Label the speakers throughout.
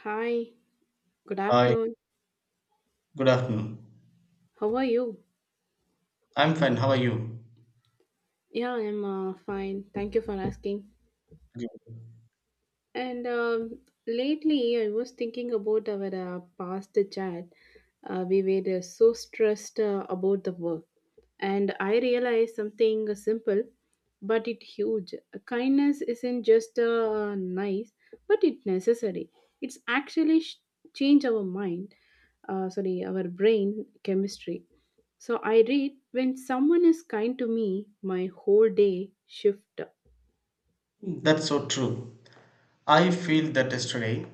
Speaker 1: Hi, good
Speaker 2: Hi,
Speaker 1: afternoon.
Speaker 2: good afternoon.
Speaker 1: How are you?
Speaker 2: I'm fine. How are you?
Speaker 1: Yeah, I'm fine. Thank you for asking. And Lately, I was thinking about our past chat. We were so stressed about the work. And I realized something simple, but it huge. Kindness isn't just nice, but it necessary. It's actually change our mind, sorry, our brain chemistry. So I read when someone is kind to me, my whole day shift.
Speaker 2: Good. That's so true. I feel that yesterday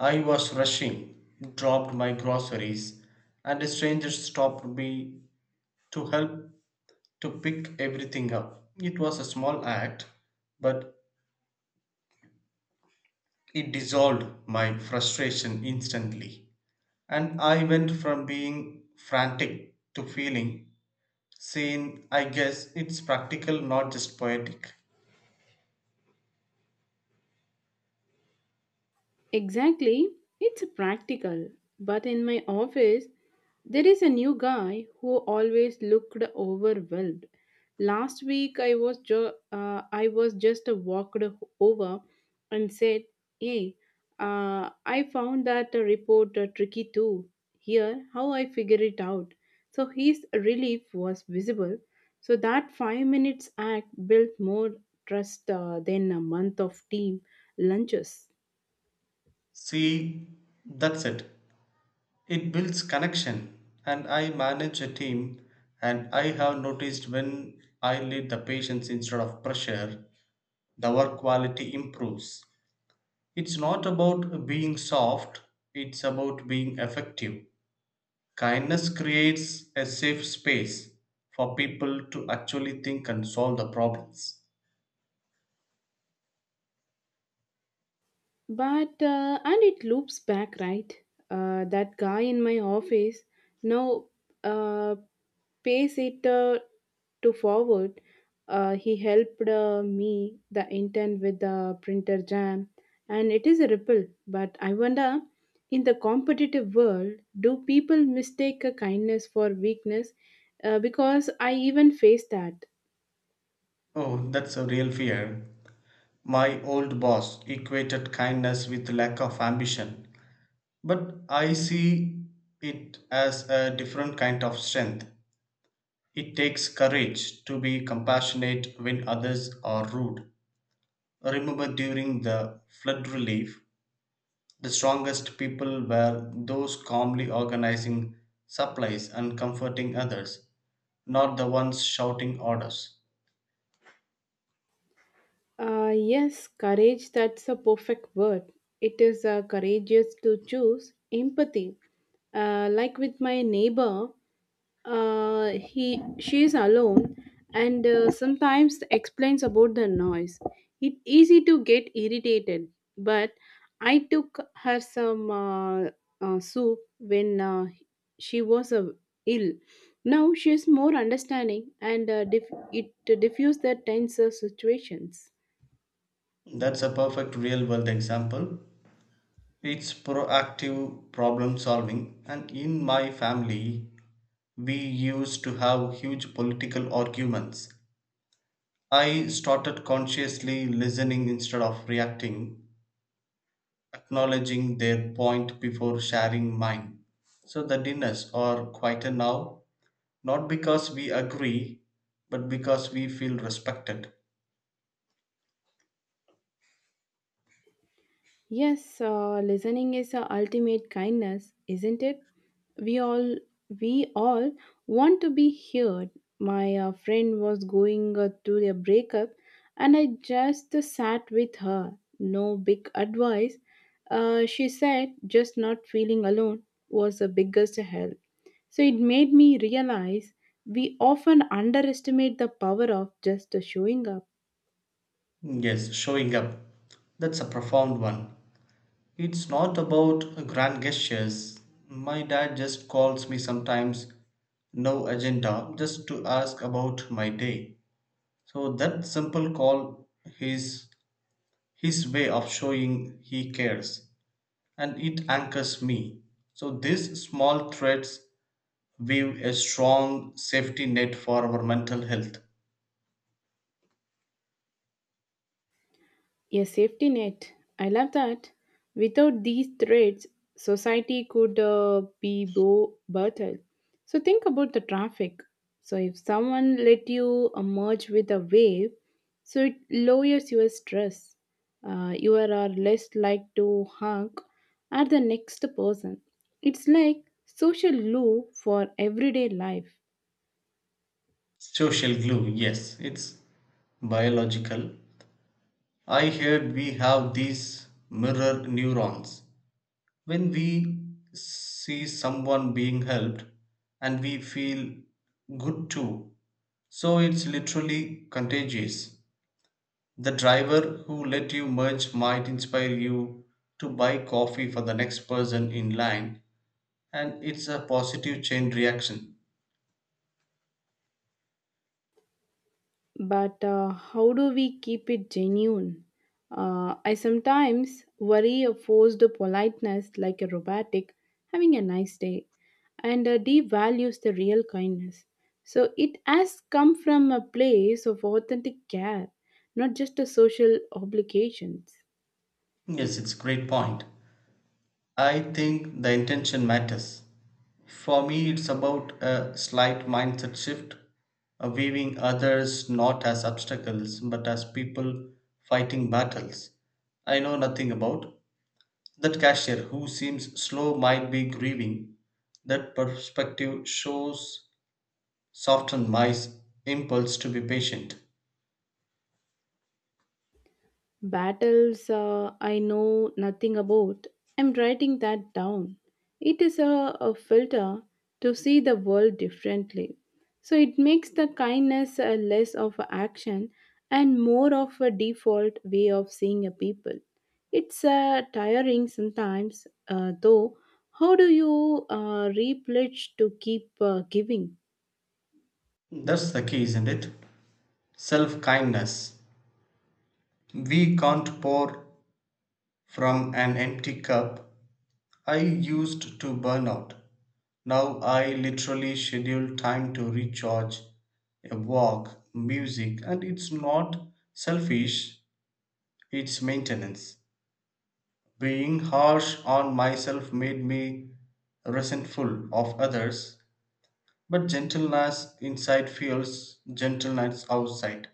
Speaker 2: I was rushing, dropped my groceries, and a stranger stopped me to help to pick everything up. It was a small act, but it dissolved my frustration instantly. And I went from being frantic to feeling seen. I guess it's practical, not just poetic.
Speaker 1: Exactly, it's practical. But in my office, there is a new guy who always looked overwhelmed. Last week, I was I was just walked over and said, "Hey, I found that report tricky too. Here, how I figure it out." So his relief was visible. So that 5 minute act built more trust than a month of team lunches.
Speaker 2: See, that's it. It builds connection, and I manage a team, and I have noticed when I lead the patients instead of pressure, the work quality improves. It's not about being soft, it's about being effective. Kindness creates a safe space for people to actually think and solve the problems.
Speaker 1: But and it loops back, right? That guy in my office now uh, pays it to forward. He helped me the intern with the printer jam, and it is a ripple. But I wonder, in the competitive world, do people mistake a kindness for weakness? Because I even face that.
Speaker 2: Oh, that's a real fear. My old boss equated kindness with lack of ambition. But I see it as a different kind of strength. It takes courage to be compassionate when others are rude. Remember during the flood relief, the strongest people were those calmly organizing supplies and comforting others, not the ones shouting orders.
Speaker 1: Yes, courage, that's a perfect word. It is courageous to choose empathy. Like with my neighbor, he she is alone and sometimes explains about the noise. It's easy to get irritated, but I took her some soup when she was ill. Now she is more understanding and it diffused the tense situations.
Speaker 2: That's a perfect real world example. It's proactive problem solving, and in my family, we used to have huge political arguments. I started consciously listening instead of reacting, acknowledging their point before sharing mine. So the dinners are quieter now, not because we agree, but because we feel respected.
Speaker 1: Yes, listening is the ultimate kindness, isn't it? We all we all want to be heard. My friend was going through a breakup, and I just sat with her. No big advice. She said just not feeling alone was the biggest help. So it made me realize we often underestimate the power of just showing up.
Speaker 2: Yes, showing up. That's a profound one. It's not about grand gestures. My dad just calls me sometimes, no agenda, just to ask about my day. So that simple call is his way of showing he cares and it anchors me. So these small threads weave a strong safety net for our mental health.
Speaker 1: A safety net. I love that. Without these threads, society could be bo- brutal. So think about the traffic. So if someone let you merge with a wave, so it lowers your stress. You are less like to honk at the next person. It's like social glue for everyday life.
Speaker 2: Social glue, yes, it's biological. I heard we have these mirror neurons. When we see someone being helped and we feel good too, so it's literally contagious. The driver who let you merge might inspire you to buy coffee for the next person in line, and it's a positive chain reaction.
Speaker 1: But how do we keep it genuine? I sometimes worry a forced politeness like a robotic having a nice day and devalues the real kindness. So it has come from a place of authentic care, not just a social obligations.
Speaker 2: Yes, it's a great point. I think the intention matters. For me, it's about a slight mindset shift, viewing others not as obstacles but as people fighting battles I know nothing about. That cashier who seems slow might be grieving. That perspective shows soften my impulse to be patient.
Speaker 1: Battles I know nothing about. I'm writing that down. It is a filter to see the world differently. So it makes the kindness less of a action and more of a default way of seeing a people. It's tiring sometimes, though. How do you replenish to keep giving?
Speaker 2: That's the key, isn't it? Self kindness. We can't pour from an empty cup. I used to burn out. Now I literally schedule time to recharge, a walk, music, and it's not selfish, it's maintenance. Being harsh on myself made me resentful of others. But gentleness inside feels gentleness outside.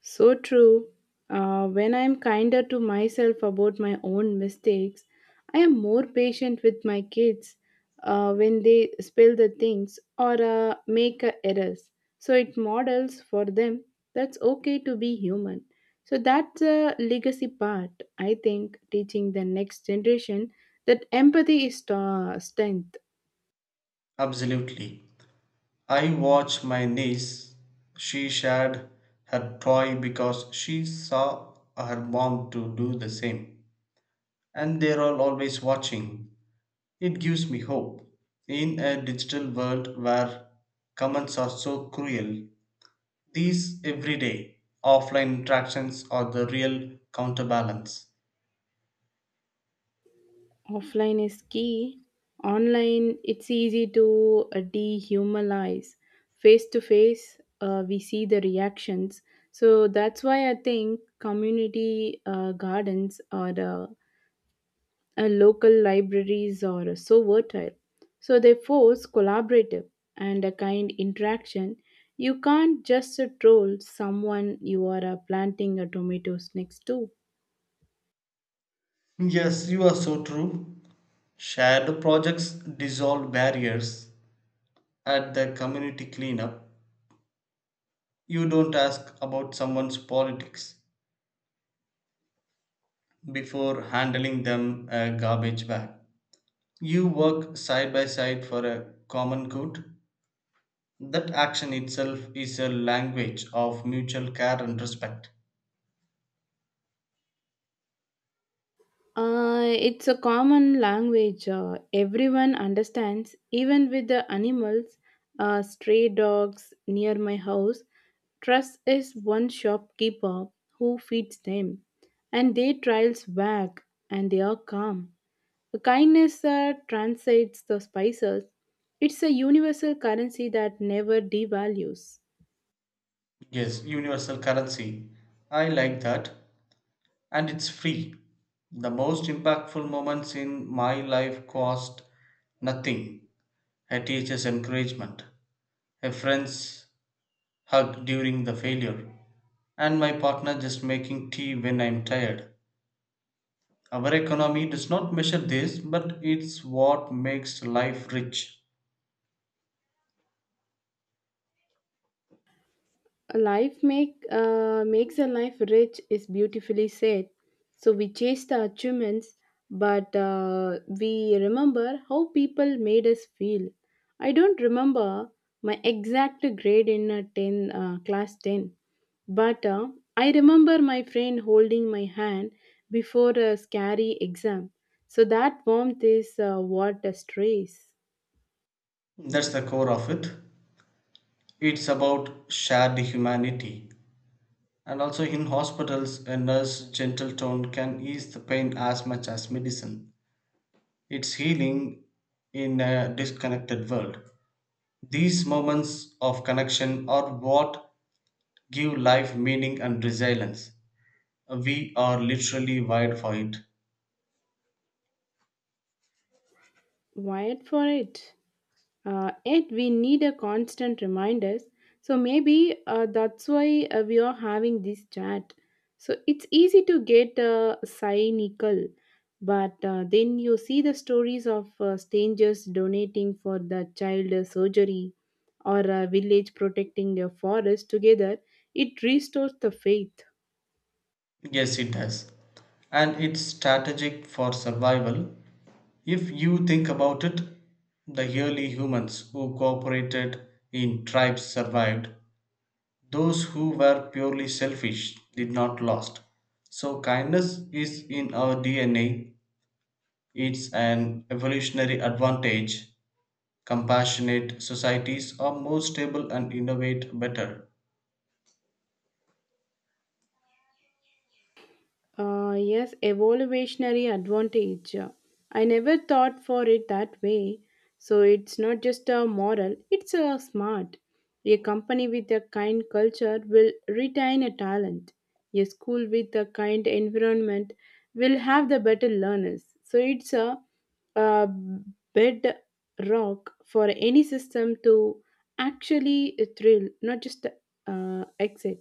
Speaker 1: So true. When I am kinder to myself about my own mistakes, I am more patient with my kids when they spill the things or make errors. So it models for them that's okay to be human. So that's a legacy part, I think, teaching the next generation that empathy is strength.
Speaker 2: Absolutely. I watch my niece. She shared her toy because she saw her mom to do the same. And they're all always watching. It gives me hope. In a digital world where comments are so cruel, these everyday offline interactions are the real counterbalance.
Speaker 1: Offline is key. Online it's easy to dehumanize. Face to face we see the reactions. So that's why I think community gardens or local libraries are so fertile. So they force collaborative and a kind interaction. You can't just troll someone you are planting tomatoes next to.
Speaker 2: Yes, you are so true. Shared projects dissolve barriers at the community cleanup. You don't ask about someone's politics before handling them a garbage bag. You work side by side for a common good. That action itself is a language of mutual care and respect.
Speaker 1: It's a common language everyone understands, even with the animals. Stray dogs near my house. Trust is one shopkeeper who feeds them, and their trials wag and they are calm. The kindness transcends the spices. It's a universal currency that never devalues.
Speaker 2: Yes, universal currency. I like that. And it's free. The most impactful moments in my life cost nothing. A teacher's encouragement, a friend's hug during the failure, and my partner just making tea when I'm tired. Our economy does not measure this, but it's what makes life rich.
Speaker 1: A life makes a life rich is beautifully said. So we chase the achievements, but we remember how people made us feel. I don't remember my exact grade in a ten class ten, but I remember my friend holding my hand before a scary exam. So that warmth is what strays.
Speaker 2: That's the core of it. It's about shared humanity. And also in hospitals, a nurse's gentle tone can ease the pain as much as medicine. It's healing in a disconnected world. These moments of connection are what give life meaning and resilience. We are literally wired for it.
Speaker 1: Wired for it. Yet we need a constant reminders. So maybe that's why we are having this chat. So it's easy to get cynical, but then you see the stories of strangers donating for the child surgery or a village protecting a forest together. It restores the faith.
Speaker 2: Yes, it does. And it's strategic for survival. If you think about it, the early humans who cooperated in tribes survived. Those who were purely selfish did not last. So kindness is in our DNA. It's an evolutionary advantage. Compassionate societies are more stable and innovate better.
Speaker 1: Yes, evolutionary advantage. I never thought for it that way. So it's not just a moral, it's a smart. A company with a kind culture will retain a talent. A school with a kind environment will have the better learners. So it's a bedrock for any system to actually thrill, not just excel.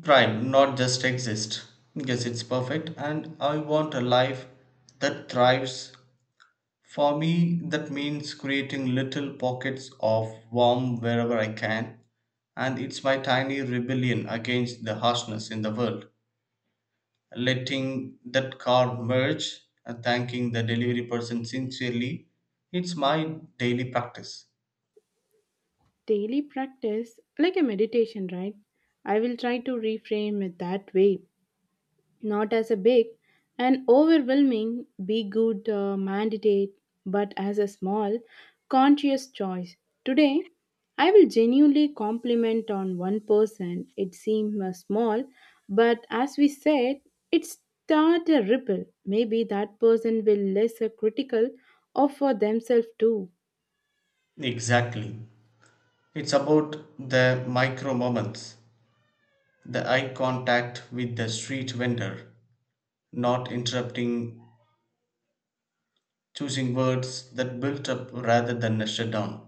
Speaker 2: Right, not just exist. Yes, it's perfect. And I want a life that thrives. For me, that means creating little pockets of warmth wherever I can. And it's my tiny rebellion against the harshness in the world. Letting that car merge and thanking the delivery person sincerely, it's my daily practice.
Speaker 1: Daily practice like a meditation, right? I will try to reframe it that way, not as a big and overwhelming be good mandate, but as a small conscious choice. Today, I will genuinely compliment on one person. It seemed small, but as we said, it start a ripple. Maybe that person will less critical of for themselves too.
Speaker 2: Exactly. It's about the micro moments, the eye contact with the street vendor, not interrupting, choosing words that built up rather than shut down.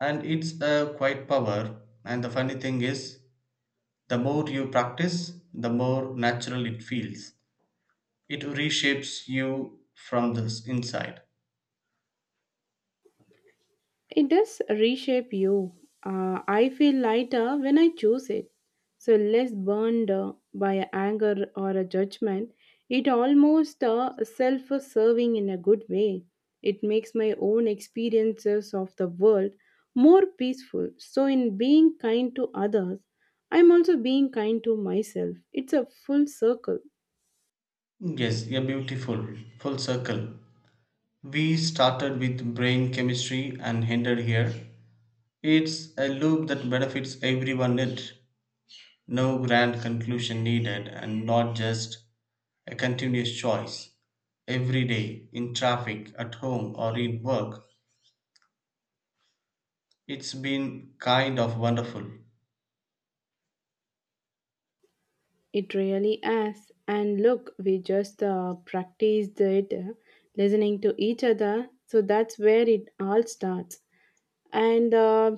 Speaker 2: And it's a quiet power. And the funny thing is, the more you practice, the more natural it feels. It reshapes you from the inside.
Speaker 1: It does reshape you. I feel lighter when I choose it. So less burned by anger or a judgment. It almost self serving in a good way. It makes my own experiences of the world more peaceful. So, in being kind to others, I'm also being kind to myself. It's a full circle.
Speaker 2: Yes, a beautiful full circle. We started with brain chemistry and ended here. It's a loop that benefits everyone in it. No grand conclusion needed, and not just a continuous choice. Every day, in traffic, at home, or in work, it's been kind of wonderful.
Speaker 1: It really is. And look, we just practiced it, listening to each other. So that's where it all starts. And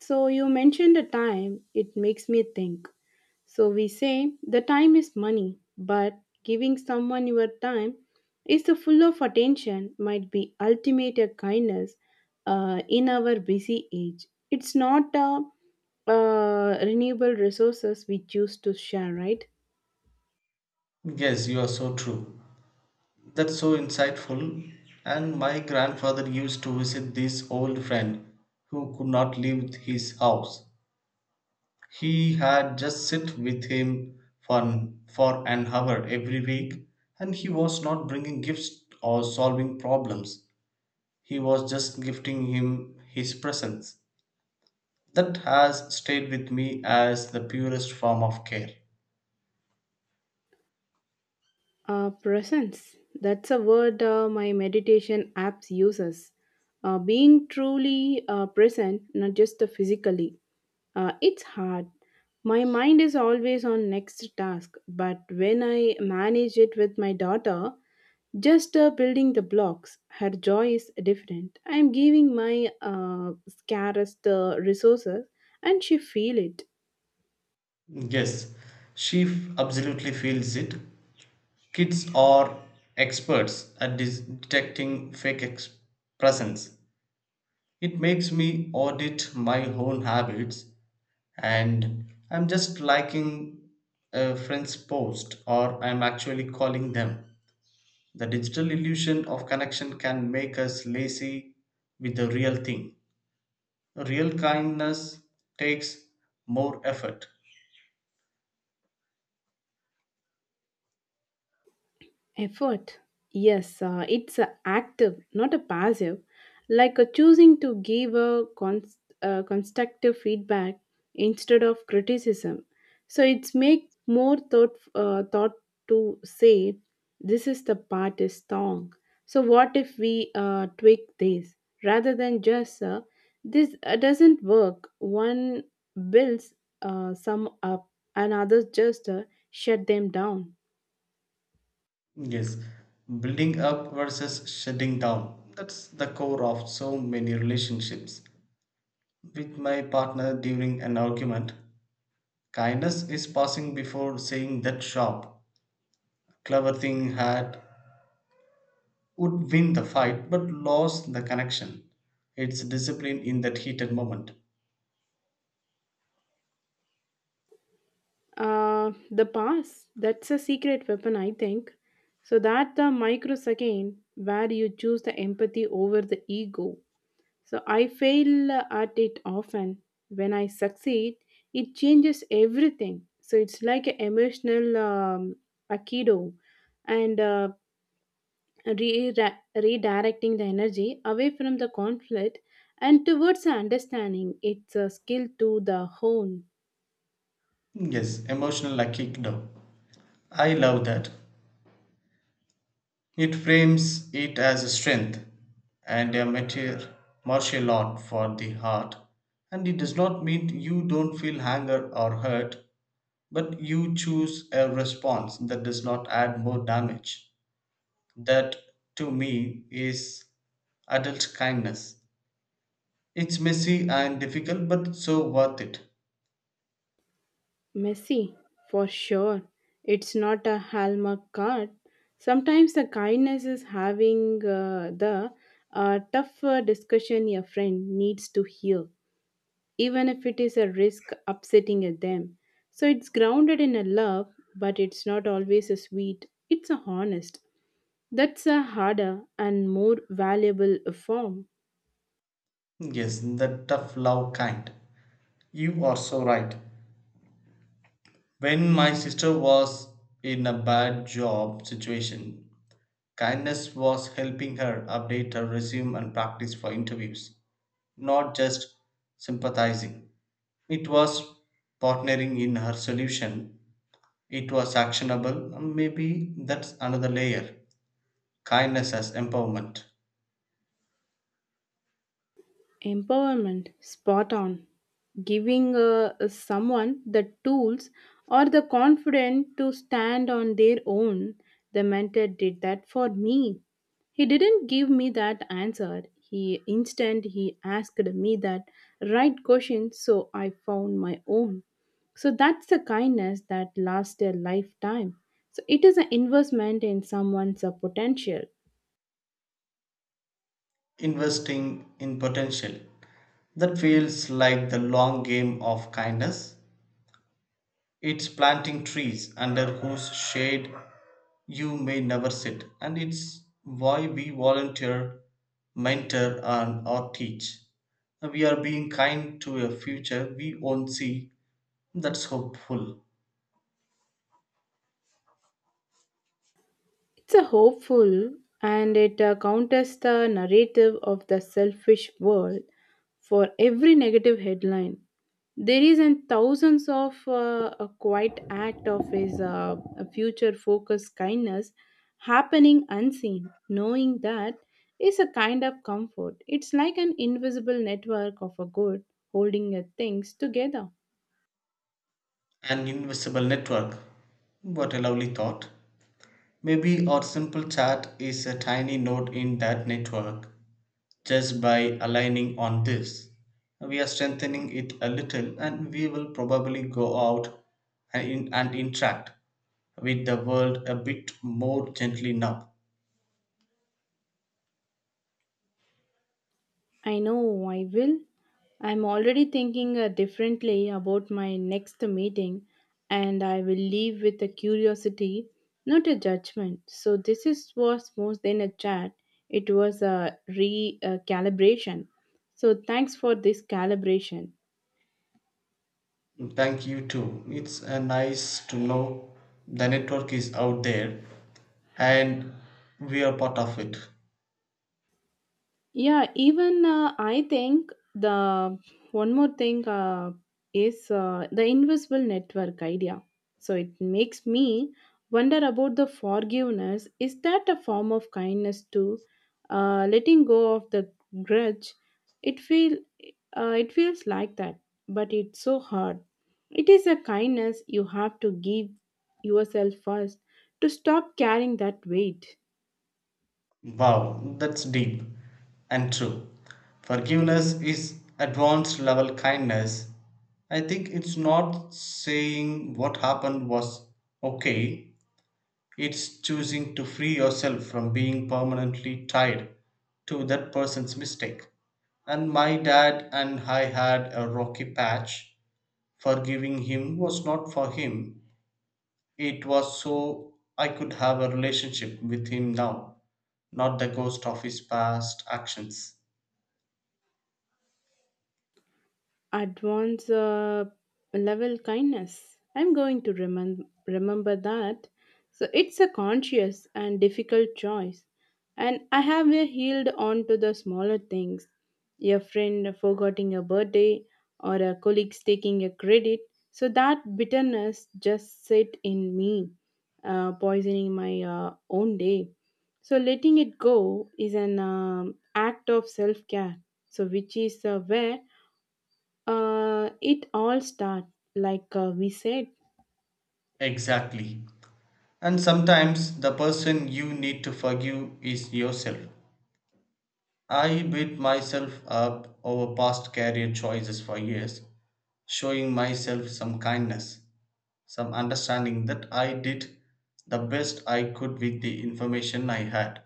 Speaker 1: so you mentioned the time, it makes me think. So we say the time is money, but giving someone your time is the full of attention might be ultimate kindness in our busy age. It's not renewable resources we choose to share, right?
Speaker 2: Yes, you are so true. That's so insightful. And my grandfather used to visit this old friend who could not leave his house. He had just sit with him for an hour every week, and he was not bringing gifts or solving problems. He was just gifting him his presence. That has stayed with me as the purest form of care.
Speaker 1: Presence. That's a word my meditation apps uses. Being truly present, not just physically. It's hard. My mind is always on next task, but when I manage it with my daughter, just building the blocks, her joy is different. I'm giving my scarcest resources, and she feel it.
Speaker 2: Yes, absolutely feels it. Kids are experts at detecting fake presence. It makes me audit my own habits, and I'm just liking a friend's post, or I'm actually calling them. The digital illusion of connection can make us lazy with the real thing. Real kindness takes more effort.
Speaker 1: Effort. Yes, it's a active, not a passive. Like a choosing to give a constructive feedback instead of criticism. So it's make more thought to say this is the part is wrong. So what if we tweak this rather than just this doesn't work. One builds some up, and others just shut them down.
Speaker 2: Yes, building up versus shutting down. That's the core of so many relationships. With my partner during an argument, kindness is passing before saying that sharp, clever thing had would win the fight but lost the connection. It's discipline in that heated moment.
Speaker 1: The pass, that's a secret weapon, I think. So that the microsecond where you choose the empathy over the ego. So I fail at it often. When I succeed, it changes everything. So it's like an emotional akido and re- redirecting the energy away from the conflict and towards the understanding. It's a skill to the hone.
Speaker 2: Yes, emotional aikido. I love that. It frames it as a strength and a martial art for the heart. And it does not mean you don't feel anger or hurt, but you choose a response that does not add more damage. That, to me, is adult kindness. It's messy and difficult, but so worth it.
Speaker 1: Messy, for sure. It's not a hallmark card. Sometimes the kindness is having the tough discussion your friend needs to hear, even if it is a risk upsetting at them. So it's grounded in a love, but it's not always a sweet. It's a honest. That's a harder and more valuable form.
Speaker 2: Yes, the tough love kind. You are so right. When my sister was in a bad job situation, kindness was helping her update her resume and practice for interviews, not just sympathizing. It was partnering in her solution, it was actionable, and maybe that's another layer, kindness as empowerment,
Speaker 1: Empowerment, spot on. Giving someone the tools or the confidence to stand on their own. The mentor did that for me. He didn't give me that answer. He instant he asked me that right question, so I found my own. So that's the kindness that lasts a lifetime. So it is an investment in someone's potential.
Speaker 2: investing in potential. That feels like the long game of kindness. It's planting trees under whose shade you may never sit, and it's why we volunteer, mentor, and or teach. We are being kind to a future we won't see. That's hopeful.
Speaker 1: It's a hopeful and it counters the narrative of the selfish world for every negative headline. There is an thousands of a quiet act of his future focused kindness happening unseen. Knowing that is a kind of comfort. It's like an invisible network of a good holding things together.
Speaker 2: An invisible network. What a lovely thought. Maybe our simple chat is a tiny node in that network. Just by aligning on this, we are strengthening it a little, and we will probably go out and interact with the world a bit more gently now.
Speaker 1: I know I will. I'm already thinking differently about my next meeting, and I will leave with a curiosity, not a judgment. So, was more than a chat, it was a recalibration. Calibration. So, thanks for this calibration.
Speaker 2: Thank you too. It's nice to know the network is out there and we are part of it.
Speaker 1: Yeah, even I think the one more thing is the invisible network idea. So it makes me wonder about the forgiveness. Is that a form of kindness too? Letting go of the grudge. It feel it feels like that, but it's so hard. It is a kindness you have to give yourself first to stop carrying that weight.
Speaker 2: Wow, that's deep and true. Forgiveness is advanced level kindness. I think it's not saying what happened was okay, it's choosing to free yourself from being permanently tied to that person's mistake. And my dad and I had a rocky patch. Forgiving him was not for him, it was so I could have a relationship with him now, not the ghost of his past actions.
Speaker 1: Advance level kindness. I'm going to remember that. So it's a conscious and difficult choice. And I have healed on to the smaller things. Your friend forgetting a birthday or a colleague's taking a credit. So that bitterness just sit in me, poisoning my own day. So letting it go is an act of self-care. So which is where it all start like we said.
Speaker 2: Exactly. And sometimes the person you need to forgive is yourself. I beat myself up over past career choices for years, showing myself some kindness, some understanding that I did the best I could with the information I had.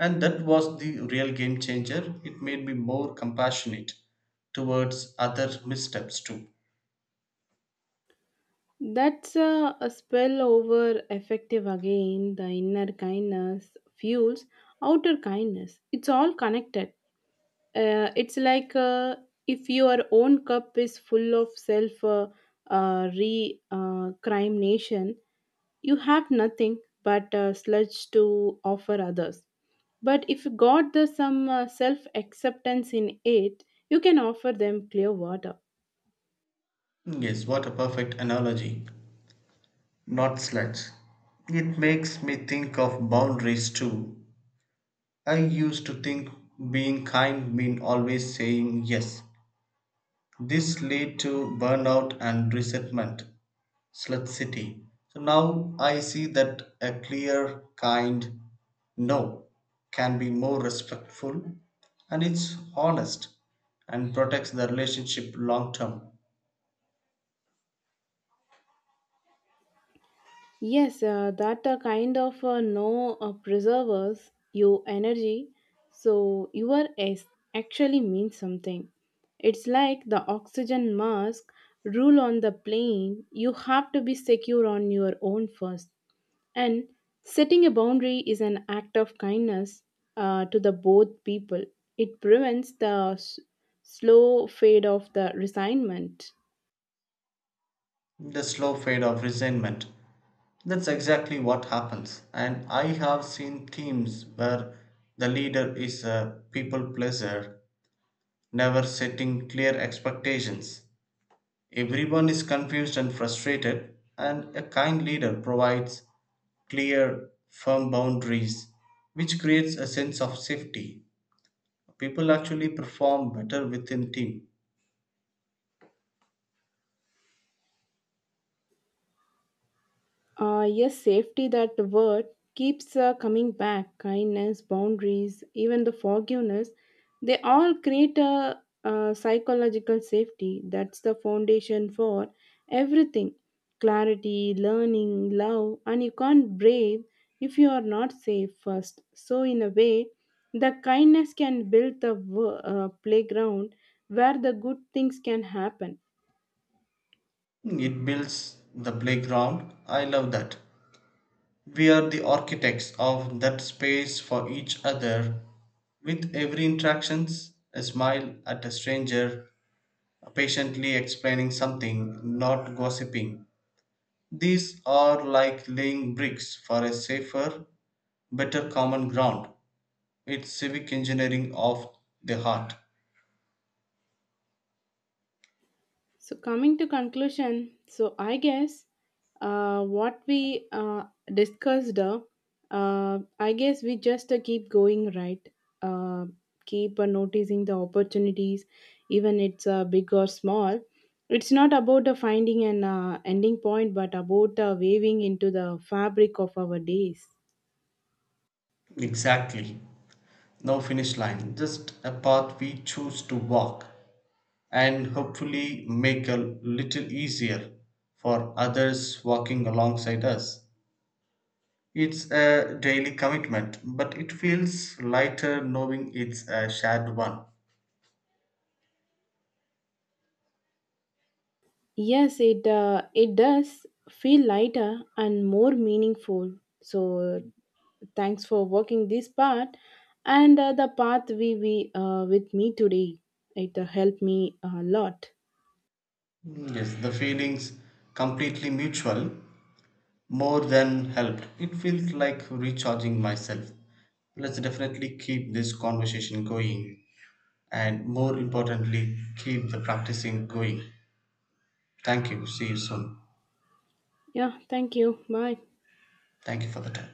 Speaker 2: And that was the real game changer. It made me more compassionate towards other missteps too.
Speaker 1: That's a spell over effective again. The inner kindness fuels outer kindness. It's all connected. It's like if your own cup is full of self re crime nation, you have nothing but sludge to offer others. But if you got the some self acceptance in it, you can offer them clear water.
Speaker 2: Yes, what a perfect analogy. Not sludge. It makes me think of boundaries too. I used to think being kind mean always saying yes. This led to burnout and resentment. Slut City. So now I see that a clear, kind no can be more respectful and it's honest and protects the relationship long term.
Speaker 1: Yes, that kind of no preservers your energy, so you are actually means something. It's like the oxygen mask rule on the plane. You have to be secure on your own first, and setting a boundary is an act of kindness to the both people. It prevents the slow fade of the resignment.
Speaker 2: The slow fade of resentment. That's exactly what happens. And I have seen teams where the leader is a people pleaser, never setting clear expectations. Everyone is confused and frustrated, and a kind leader provides clear, firm boundaries, which creates a sense of safety. People actually perform better within team.
Speaker 1: Yes, safety, that word keeps coming back. Kindness, boundaries, even the forgiveness, they all create a psychological safety. That's the foundation for everything clarity, learning, love. And you can't brave if you are not safe first. So, in a way, the kindness can build the playground where the good things can happen.
Speaker 2: It builds the playground. I love that. We are the architects of that space for each other. With every interactions, a smile at a stranger, patiently explaining something, not gossiping. These are like laying bricks for a safer, better common ground. It's civic engineering of the heart.
Speaker 1: So coming to conclusion, so I guess uh, what we uh, discussed, uh, I guess we just keep going right, uh, keep noticing the opportunities, even it's big or small. It's not about finding an ending point, but about weaving into the fabric of our days.
Speaker 2: Exactly. No finish line, just a path we choose to walk and hopefully make a little easier for others walking alongside us. It's a daily commitment, but it feels lighter knowing it's a shared one.
Speaker 1: Yes, it it does feel lighter and more meaningful. So thanks for walking this part and the path we with me today. It helped me a lot.
Speaker 2: Mm. Yes, the feeling's completely mutual. More than helped. It feels like recharging myself. Let's definitely keep this conversation going and, more importantly, keep the practicing going. Thank you. See you soon.
Speaker 1: Yeah, thank you. Bye.
Speaker 2: Thank you for the time.